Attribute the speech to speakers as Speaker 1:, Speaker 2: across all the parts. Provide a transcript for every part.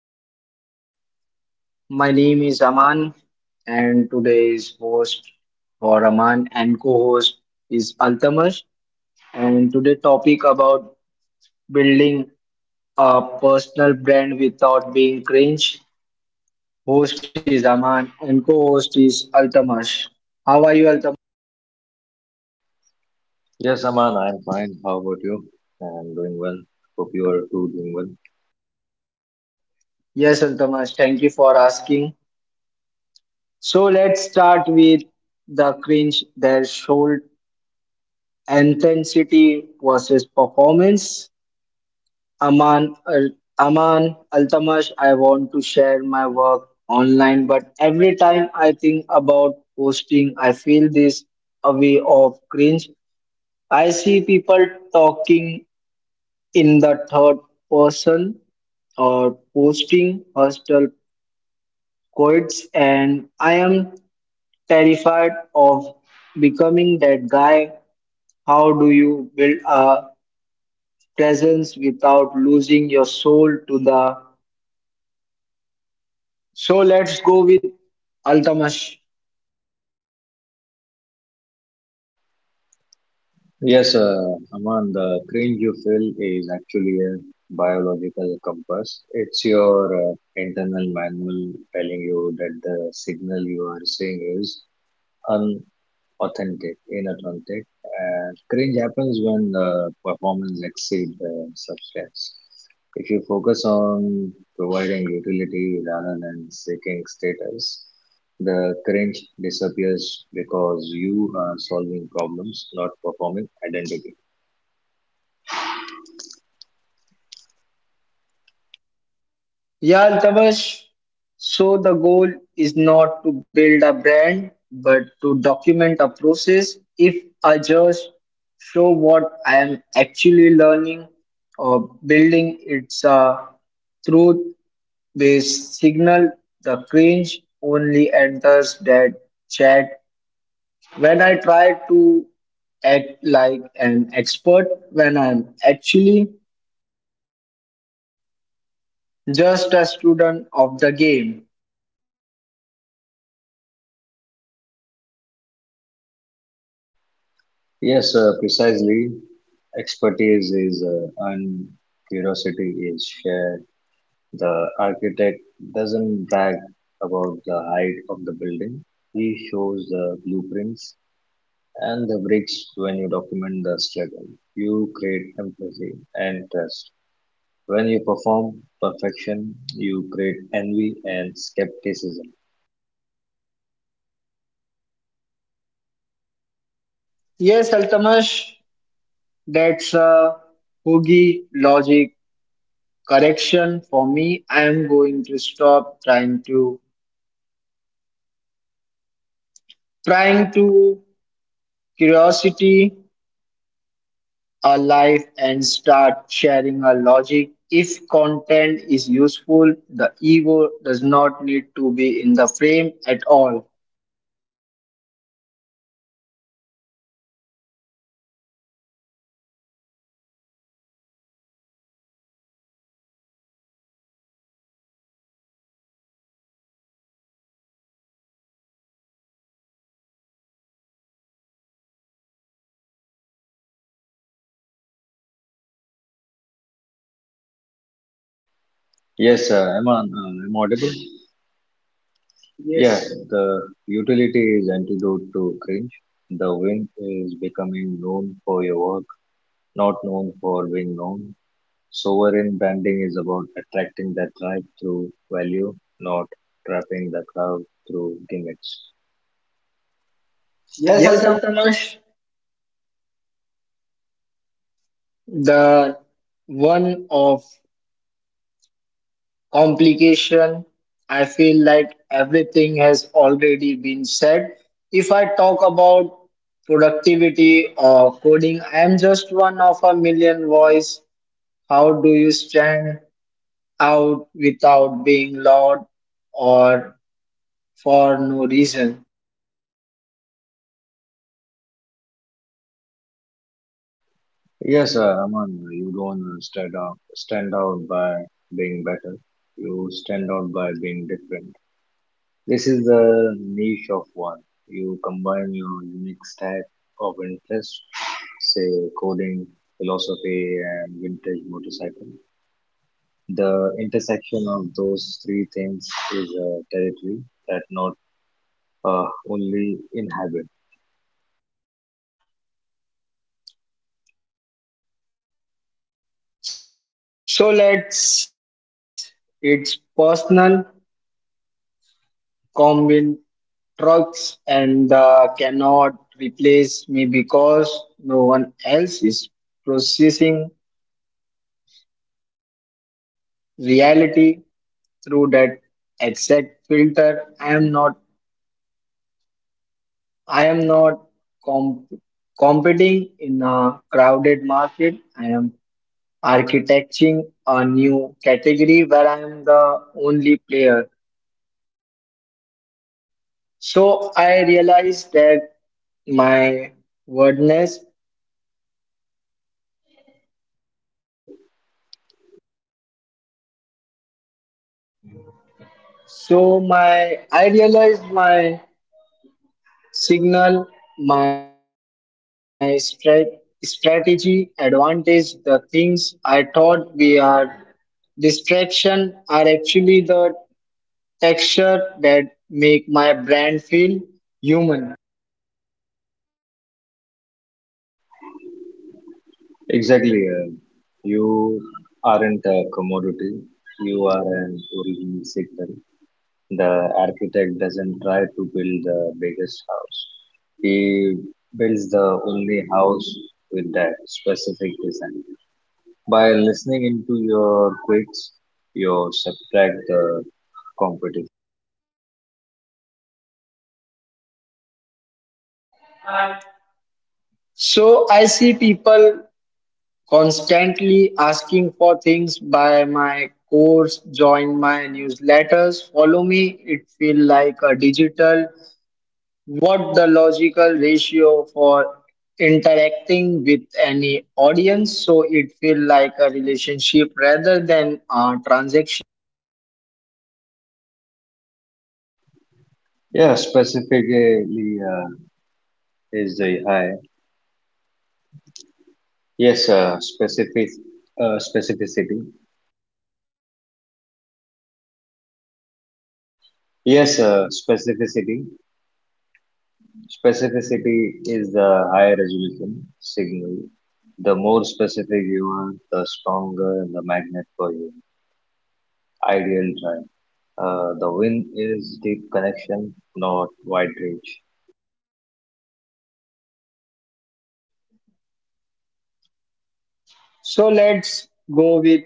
Speaker 1: everyone, my name is Aman, and today's host for Aman and co-host is Altamash. And today topic about building a personal brand without being cringe. Host is Aman and co-host is Altamash. How are you, Altamash?
Speaker 2: Yes, Aman, I'm fine. How about you? I'm doing well. Hope you are too doing well.
Speaker 1: Yes, Altamash, thank you for asking. So let's start with the cringe, their should intensity versus performance. Aman, Al Aman Altamash, I want to share my work online, but every time I think about posting, I feel this a way of cringe. I see people talking in the third person or posting hostile quotes, and I am terrified of becoming that guy. How do you build a presence without losing your soul to the So let's go with Altamash.
Speaker 2: Yes, Aman, the cringe you feel is actually a biological compass. It's your internal manual telling you that the signal you are seeing is authentic, inauthentic. And cringe happens when the performance exceeds the substance. If you focus on providing utility rather than seeking status, the cringe disappears because you are solving problems, not performing identity.
Speaker 1: Yeah, Altamash. So the goal is not to build a brand, but to document a process. If I just show what I am actually learning or building, it's a truth-based signal. The cringe only enters that chat when I try to act like an expert when I'm actually just a student of the game.
Speaker 2: Yes, precisely. Expertise is earned, curiosity is shared. The architect doesn't brag about the height of the building. He shows the blueprints and the bricks when you document the struggle. You create empathy and trust. When you perform perfection, you create envy and skepticism.
Speaker 1: Yes, Altamash, that's a hoogie logic correction for me. I am going to stop trying to curiosity a life and start sharing a logic. If content is useful, the ego does not need to be in the frame at all.
Speaker 2: Yes, utility is antidote to cringe. Yes, uh, utility is antidote to cringe. Yes, am I audible? Yeah, yes. The utility is antidote to cringe. The win is becoming known for your work, not known for being known. Sovereign branding is about attracting that life through value, not trapping the crowd through gimmicks. Yes,
Speaker 1: Yes,
Speaker 2: Alka.
Speaker 1: Altamash, the one of complication. I feel like everything has already been said. If I talk about productivity or coding, I am just one of a million voice. How do you stand out without being loud or for no reason?
Speaker 2: Yes, Aman, you don't stand out by being better. You stand out by being different. This is the niche of one. You combine your unique stack of interests, say coding, philosophy, and vintage motorcycle. The intersection of those three things is a territory that not only inhabit
Speaker 1: So let's, it's personal. Combine trucks and cannot replace me because no one else is processing reality through that exact filter. I am not comp- competing in a crowded market. I am architecting a new category where I am the only player. So I realized that my wordness
Speaker 2: both.
Speaker 1: So my I realized my signal, my strategy, advantage, the things I thought we are distraction are actually the texture that make my brand feel human.
Speaker 2: Exactly, you aren't a commodity. You are an original signal. The architect doesn't try to build the biggest house. He builds the only house with that specific design. By listening into your quirks, you subtract the competition.
Speaker 1: So I see people constantly asking for things buy my course, join my newsletters, follow me. It feel like a digital What the logical ratio for interacting with any audience so it feel like a relationship rather than a transaction.
Speaker 2: Yeah, specifically is the high. Yes, specific specificity. Yes, specificity. Specificity is the higher resolution signal. The more specific you are, the stronger the magnet for your ideal drive. The win is deep connection, not wide range.
Speaker 1: So let's go with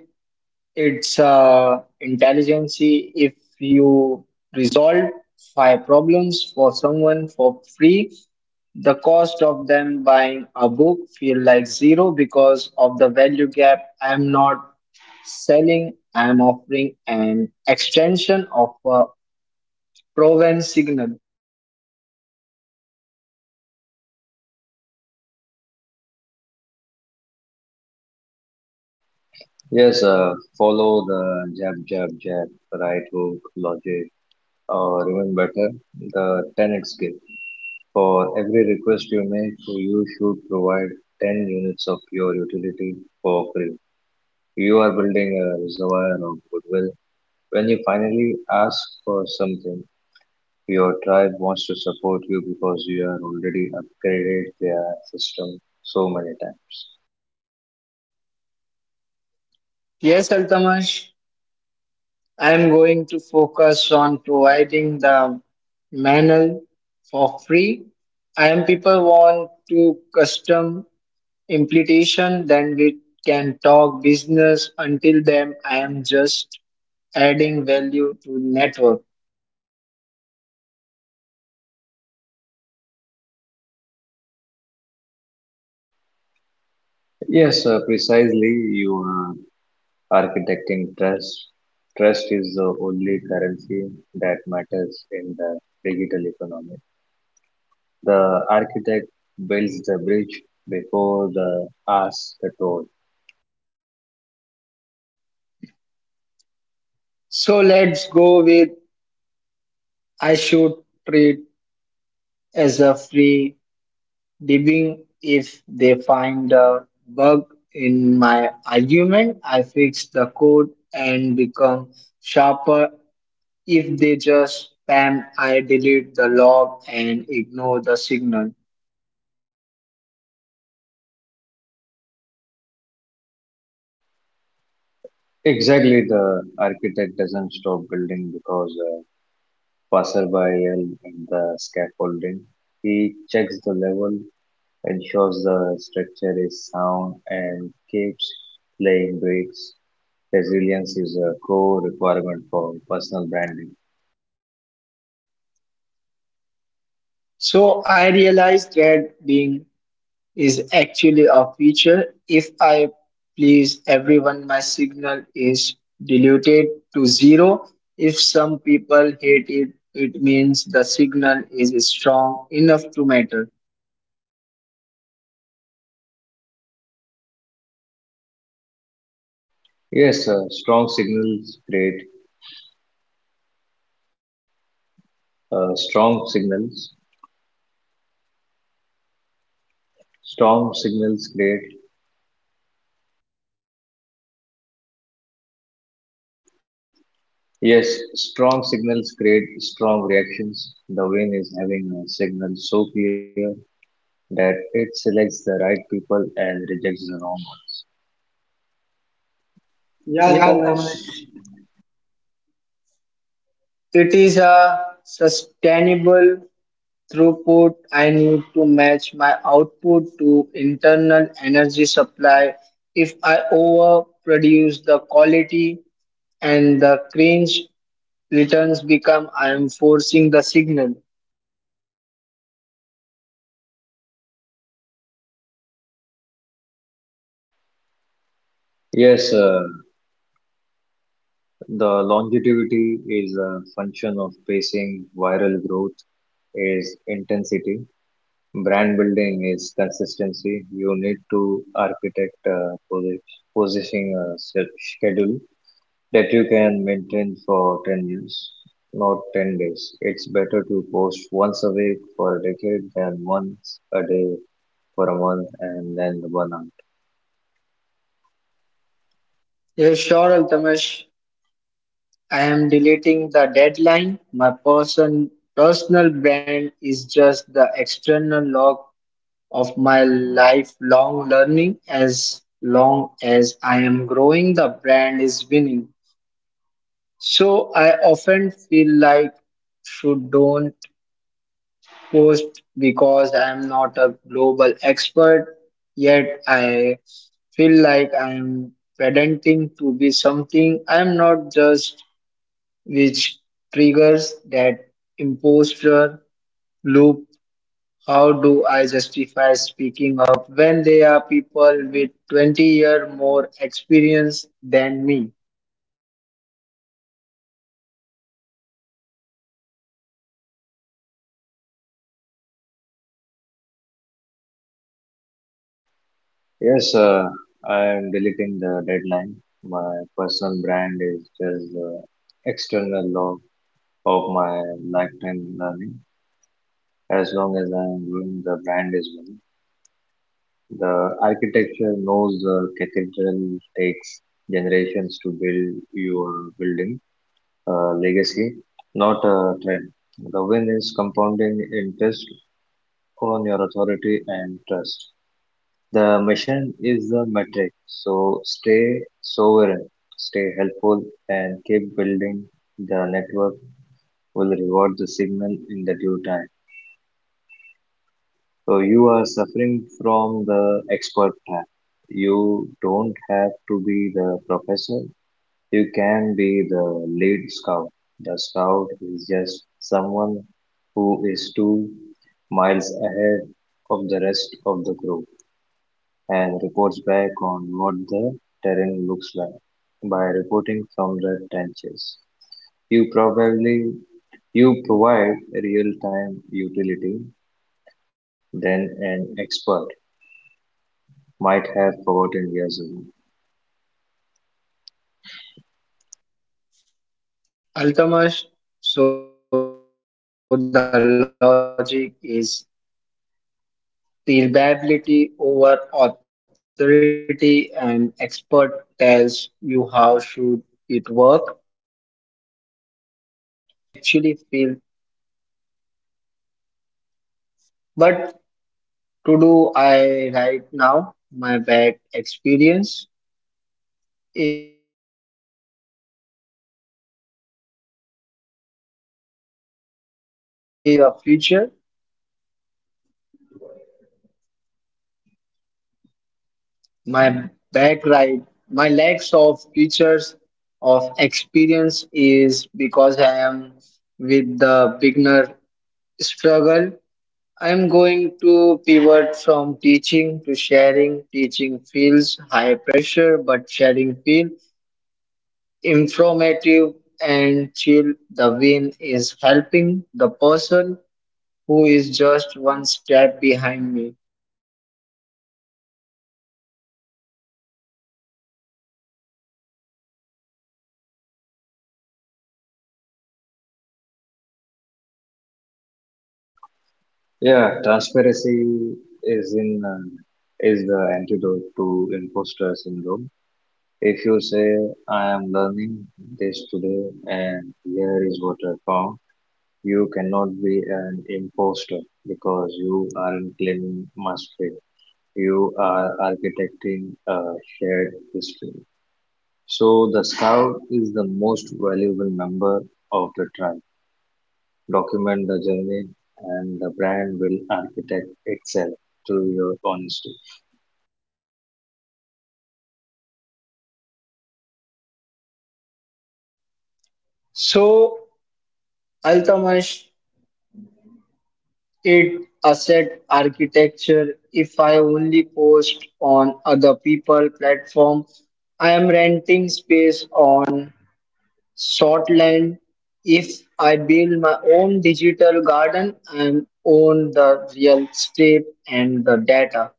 Speaker 1: its intelligence. If you resolve five problems for someone for free, the cost of them buying a book feel like zero because of the value gap. I am not selling, I'm offering an extension of a Provence signal.
Speaker 2: Yes, follow the jab, right hook logic, or even better, the 10x gift. For every request you make, you should provide 10 units of your utility for free. You are building a reservoir of goodwill. When you finally ask for something, your tribe wants to support you because you are already upgraded their system so many times.
Speaker 1: Yes, Altamash, I'm going to focus on providing the manual for free. And people want to custom implementation, then we can talk business. Until then, I am just adding value to network.
Speaker 2: Yes, precisely. You are architecting trust. Trust is the only currency that matters in the digital economy. The architect builds the bridge before the ass the toll.
Speaker 1: So let's go with I should treat as a free debugging if they find a bug in my argument. I fix the code and become sharper. If they just spam, I delete the log and ignore the signal.
Speaker 2: Exactly, the architect doesn't stop building because passerby and at the scaffolding. He checks the level, ensures the structure is sound, and keeps laying bricks. Resilience is a core requirement for personal branding.
Speaker 1: So I realized that being is actually a feature. If I please everyone, my signal is diluted to zero. If some people hate it, it means the signal is strong enough to matter.
Speaker 2: Yes, strong signals create strong signals. Strong signals create yes, Strong signals create strong reactions. The win is having a signal so clear that it selects the right people and rejects the wrong. Yeah,
Speaker 1: Yeah,
Speaker 2: Altamash.
Speaker 1: Altamash, it is a sustainable throughput. I need to match my output to internal energy supply. If I overproduce the quality and the cringe returns become, I am forcing the signal.
Speaker 2: Yes, the longevity is a function of pacing, viral growth is intensity, brand building is consistency. You need to architect positioning a set schedule that you can maintain for 10 years, not 10 days. It's better to post once a week for a decade than once a day for a month and then the burnout.
Speaker 1: Yes, sure, Altamash. I am deleting the deadline. My personal brand is just the external log of my lifelong learning as long as I am growing the brand is winning. So I often feel like should don't post because I am not a global expert yet I feel like I am pretending to be something I am not just which triggers that imposter loop. How do I justify speaking up when there are people with 20-year more experience than me?
Speaker 2: Yes, I am deleting the deadline. My personal brand is just the external log of my lifetime learning. As long as I am doing, the brand is winning. The architecture knows the cathedral takes generations to build your building legacy, not a trend. The win is compounding interest on your authority and trust. The mission is the metric, so stay sovereign, stay helpful, and keep building. The network will reward the signal in the due time. So you are suffering from the expert trap. You don't have to be the professor. You can be the lead scout. The scout is just someone who is 2 miles ahead of the rest of the group, and reports back on what the terrain looks like by reporting from the trenches. You probably you provide real-time utility than an expert might have forgotten years ago.
Speaker 1: Ultimately, so the logic is reliability over authority and expert tells you how should it work, but tell you how it actually feels. But to do I right now, my bad experience is my lack of experience is actually a future. My back right, my lacks of features of experience is because I am with the beginner struggle. I am going to pivot from teaching to sharing. Teaching feels high pressure, but sharing feels informative and chill. The win is helping the person who is just one step behind me.
Speaker 2: Yeah, transparency is in is the antidote to imposter syndrome. If you say I am learning this today and here is what I found, you cannot be an imposter because you aren't claiming mastery. You are architecting a shared history. So the scout is the most valuable member of the tribe. Document the journey and the brand will architect itself through your honesty.
Speaker 1: So, Altamash, it asset architecture. If I only post on other people platform, I am renting space on Shortland. If I build my own digital garden, I own the real estate and the data.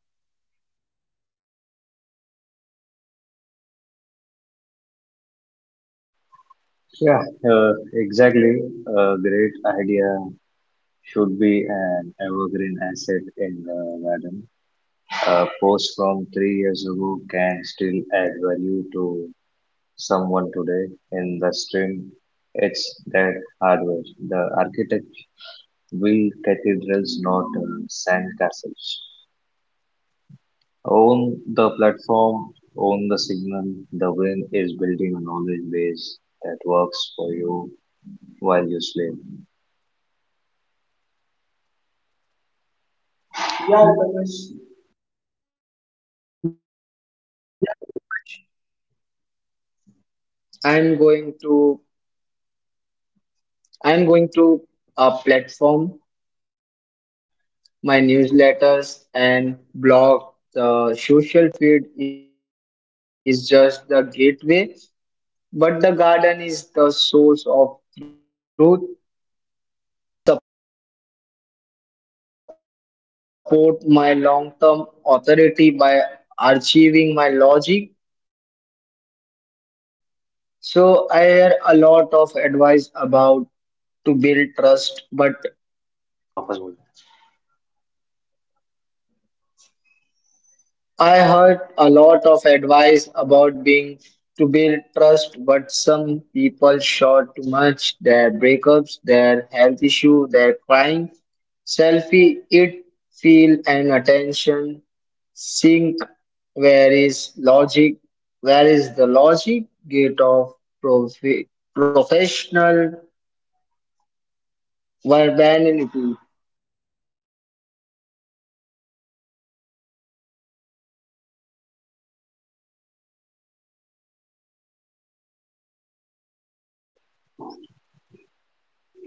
Speaker 2: Yeah, exactly. A great idea should be an evergreen asset in the garden. A post from three years ago can still add value to someone today in the stream. It's that hardware. The architect build cathedrals, not sand castles. Own the platform, own the signal. The win is building a knowledge base that works for you while you sleep.
Speaker 1: Yeah, Altamash, I'm going to I'm going to a platform my newsletters and blog. The social feed is just the gateway, but the garden is the source of truth. But the garden is the source of truth. It supports my long-term authority by archiving my logic. So I hear a lot of advice about to build trust, but वापस बोल I heard a lot of advice about being to build trust, but some people shout too much. Their breakups, their health issue, their crying, selfie, it feel and attention sink. Where is logic? Where is the logic gate of profi- professional verbanity?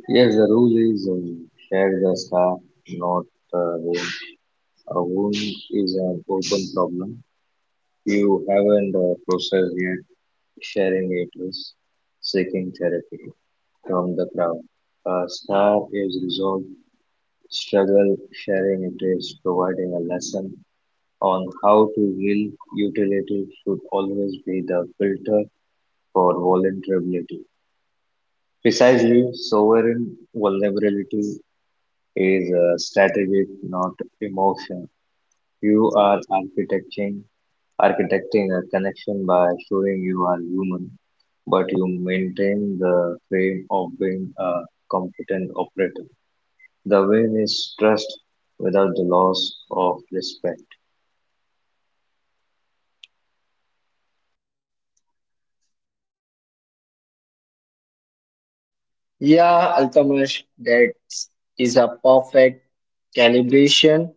Speaker 2: Yes, the rule is share the scar, not the wound. A wound is an open problem. You haven't processed yet. Sharing it is seeking therapy from the crowd. A star is resolved. Struggle sharing it is providing a lesson on how to heal. Utility should always be the filter for vulnerability. Precisely, sovereign vulnerability is a strategic, not emotion. You are architecting architecting a connection by showing you are human, but you maintain the frame of being a competent operator. The win is trust without the loss of respect.
Speaker 1: Yeah, Altamash, that is a perfect calibration.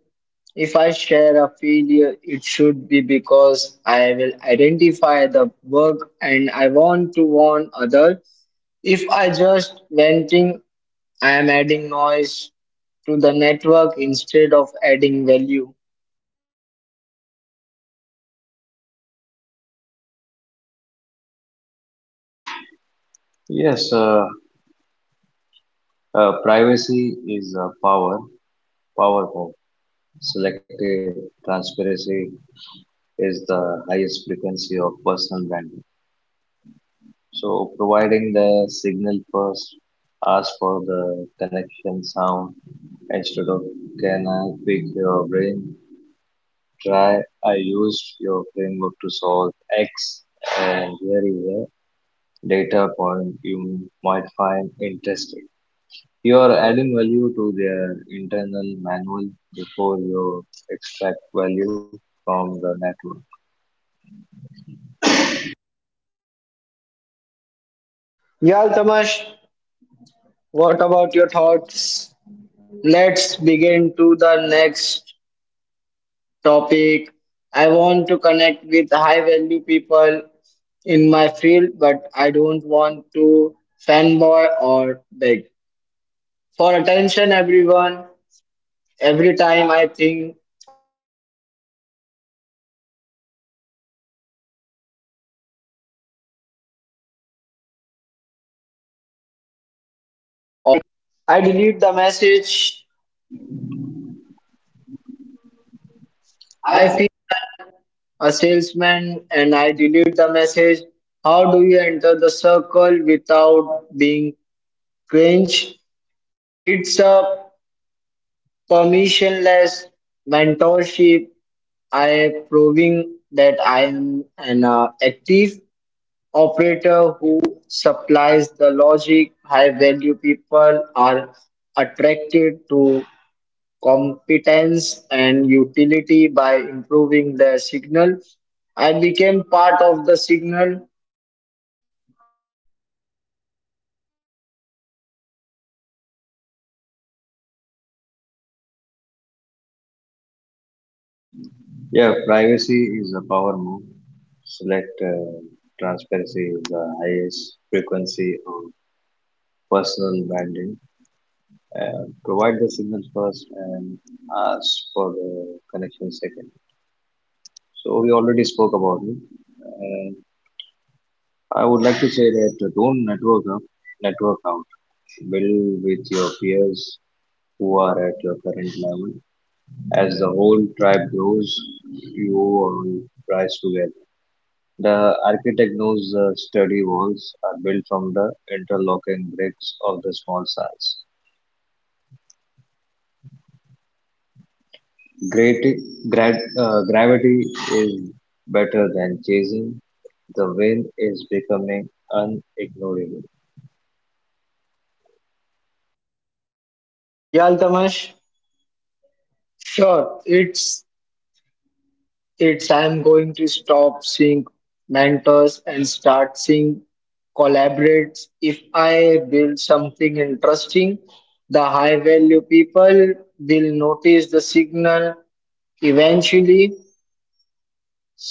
Speaker 1: If I share a failure, it should be because I will identify the work and I want to warn others. If I just venting, I am adding noise to the network instead of adding value.
Speaker 2: Yes, privacy is a power, powerful. Selective transparency is the highest frequency of personal branding. So providing the signal first, ask for the connection sound instead of can I pick your brain? Try I used your framework to solve X and here is a data point you might find interesting. You are adding value to their internal manual before you extract value from the network.
Speaker 1: Yeah, Tamash, what about your thoughts? Let's begin to the next topic. I want to connect with high value people in my field, but I don't want to fanboy or beg for attention, everyone. Every time I think of reaching out, I feel like a salesman and I delete the message. I delete the message. I feel like a salesman and I delete the message. How do you enter the circle without being cringe? It's a permissionless mentorship. I am proving that I am an active operator who supplies the logic. High value people are attracted to competence and utility by improving their signal. I became part of the signal.
Speaker 2: Yeah, privacy is a power move. Select transparency is the highest frequency of personal branding. Provide the signal first and ask for the connection second. So we already spoke about it. And I would like to say that don't network up, network out. Build with your peers who are at your current level. As the whole tribe grows, you all rise together. The architect knows the sturdy walls are built from the interlocking bricks of the small size. Great, Gravity is better than chasing. The wind is becoming unignorable.
Speaker 1: Yeah, Altamash? Sure, it's I'm going to stop seeing mentors and start seeing collaborates. If I build something interesting, the high value people will notice the signal eventually.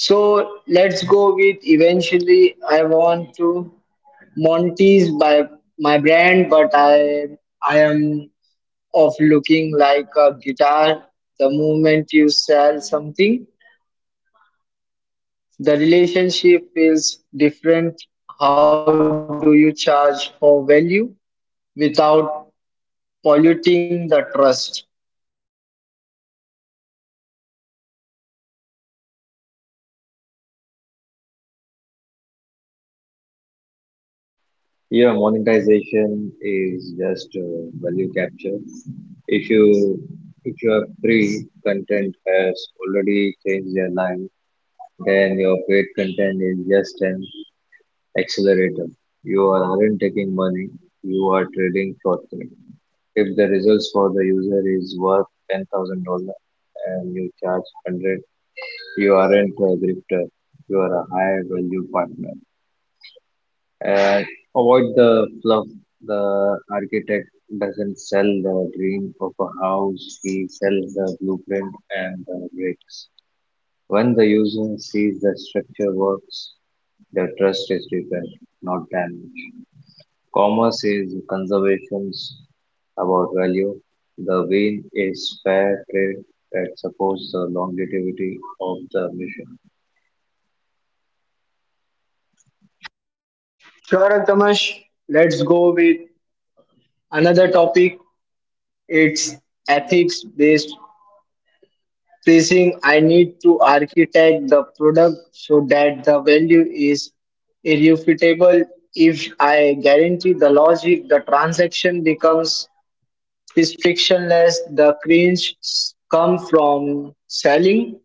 Speaker 1: So let's go with eventually. I want to Monty's by my brand, but I am of looking like a guitar the moment you sell something. The relationship feels different. How do you charge for value without polluting the trust?
Speaker 2: Yeah, monetization is just value capture. If you if your free content has already changed their life, then your paid content is just an accelerator. Aren't taking money, you are trading for time. If the results for the user is worth $10,000 and you charge 100, you aren't a grifter, you are a high value partner. And avoid the fluff. The architect doesn't sell the dream of a house, he sells the blueprint and the bricks. When the user sees the structure works, the trust is rebuilt, not damaged. Commerce is conservations about value. The win is fair trade that supports the longevity of the mission.
Speaker 1: Sure, Altamash. Let's go with another topic. It's ethics based pricing. I need to architect the product so that the value is irrefutable. If I guarantee the logic, the transaction becomes frictionless. The cringe come from selling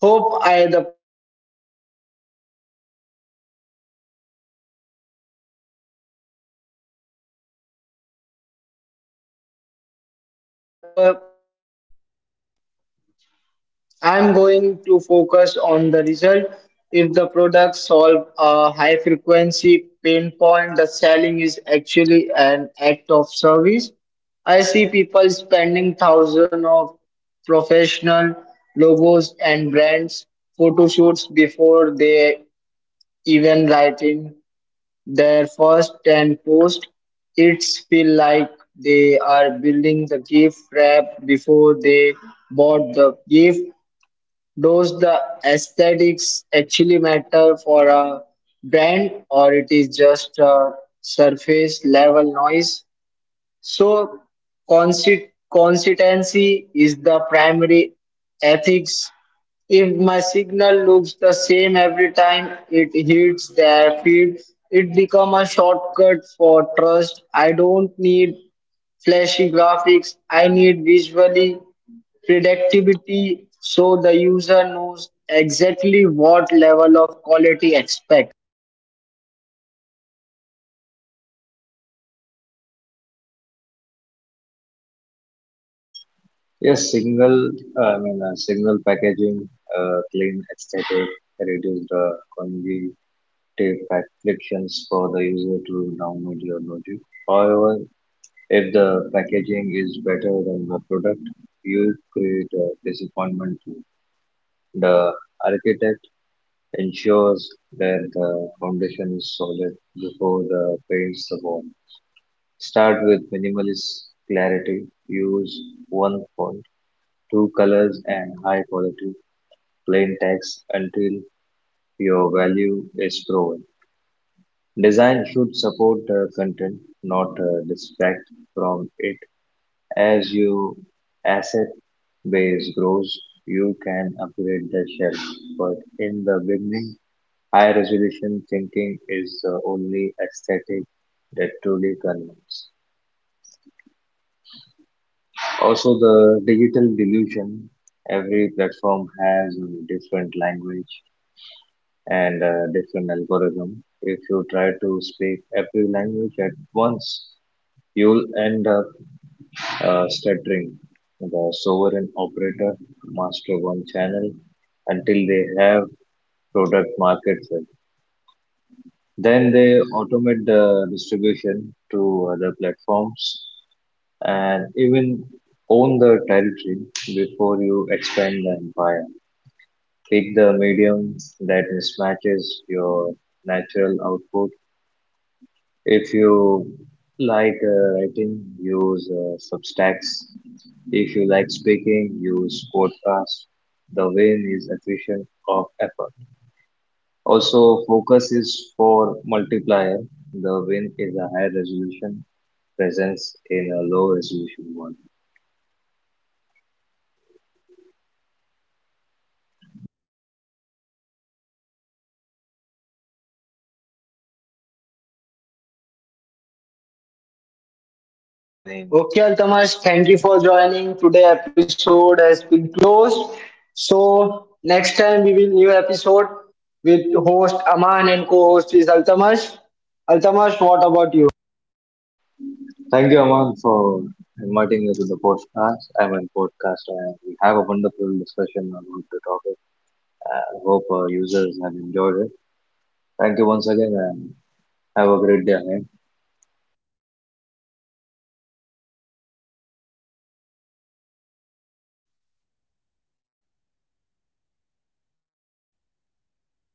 Speaker 1: Hope I the power comes from selling results. I am going to focus on the result if product solves. I am going to focus on the result if the product solve a high frequency pain point. The selling is actually an act of service. I see people spending thousands of professional logos and brands photo shoots before they even write in their first 10 posts, it's feel like they are building the gift wrap before they bought the gift. Does the aesthetics actually matter for a brand or it is just a surface level noise? So, consistency is the primary ethics. If my signal looks the same every time it hits their feed, it becomes a shortcut for trust. I don't need flashy graphics, I need visually predictability so the user knows exactly what level of quality expect.
Speaker 2: Yes, single, I mean, single packaging, clean aesthetic, reduce the cognitive frictions for the user to download your logic. However, if the packaging is better than the product, you create a disappointment to the architect. Ensures that the foundation is solid before the paints the wall. Start with minimalist clarity. Use one font, two colors, and high quality plain text until your value is proven. Design should support the content, not distract from it. As your asset base grows, you can upgrade the shelf, but in the beginning, high resolution thinking is the only aesthetic that truly convinces. Also, the digital delusion, every platform has a different language and a different algorithm. If you try to speak every language at once, you'll end up stuttering. The sovereign operator master one channel until they have product market fit. Then they automate the distribution to other platforms and even own the territory before you expand the empire. Pick the medium that mismatches your natural output. If you like writing, use Substacks. If you like speaking, use podcasts. The win is efficient of effort. Also, focus is for multiplier. The win is a high resolution presence in a low resolution one.
Speaker 1: Okay, Altamash, thank you for joining today episode has been closed. So next time we will new episode with host Aman and co-host is Altamash. Altamash, what about you?
Speaker 2: Thank you, Aman, for inviting me to the podcast. I'm a podcaster and we have a wonderful discussion about the topic. I hope our users have enjoyed it. Thank you once again and have a great day ahead.
Speaker 1: Thank you for everyone. Thank you for everyone. Join us. Have a good day. Bye bye.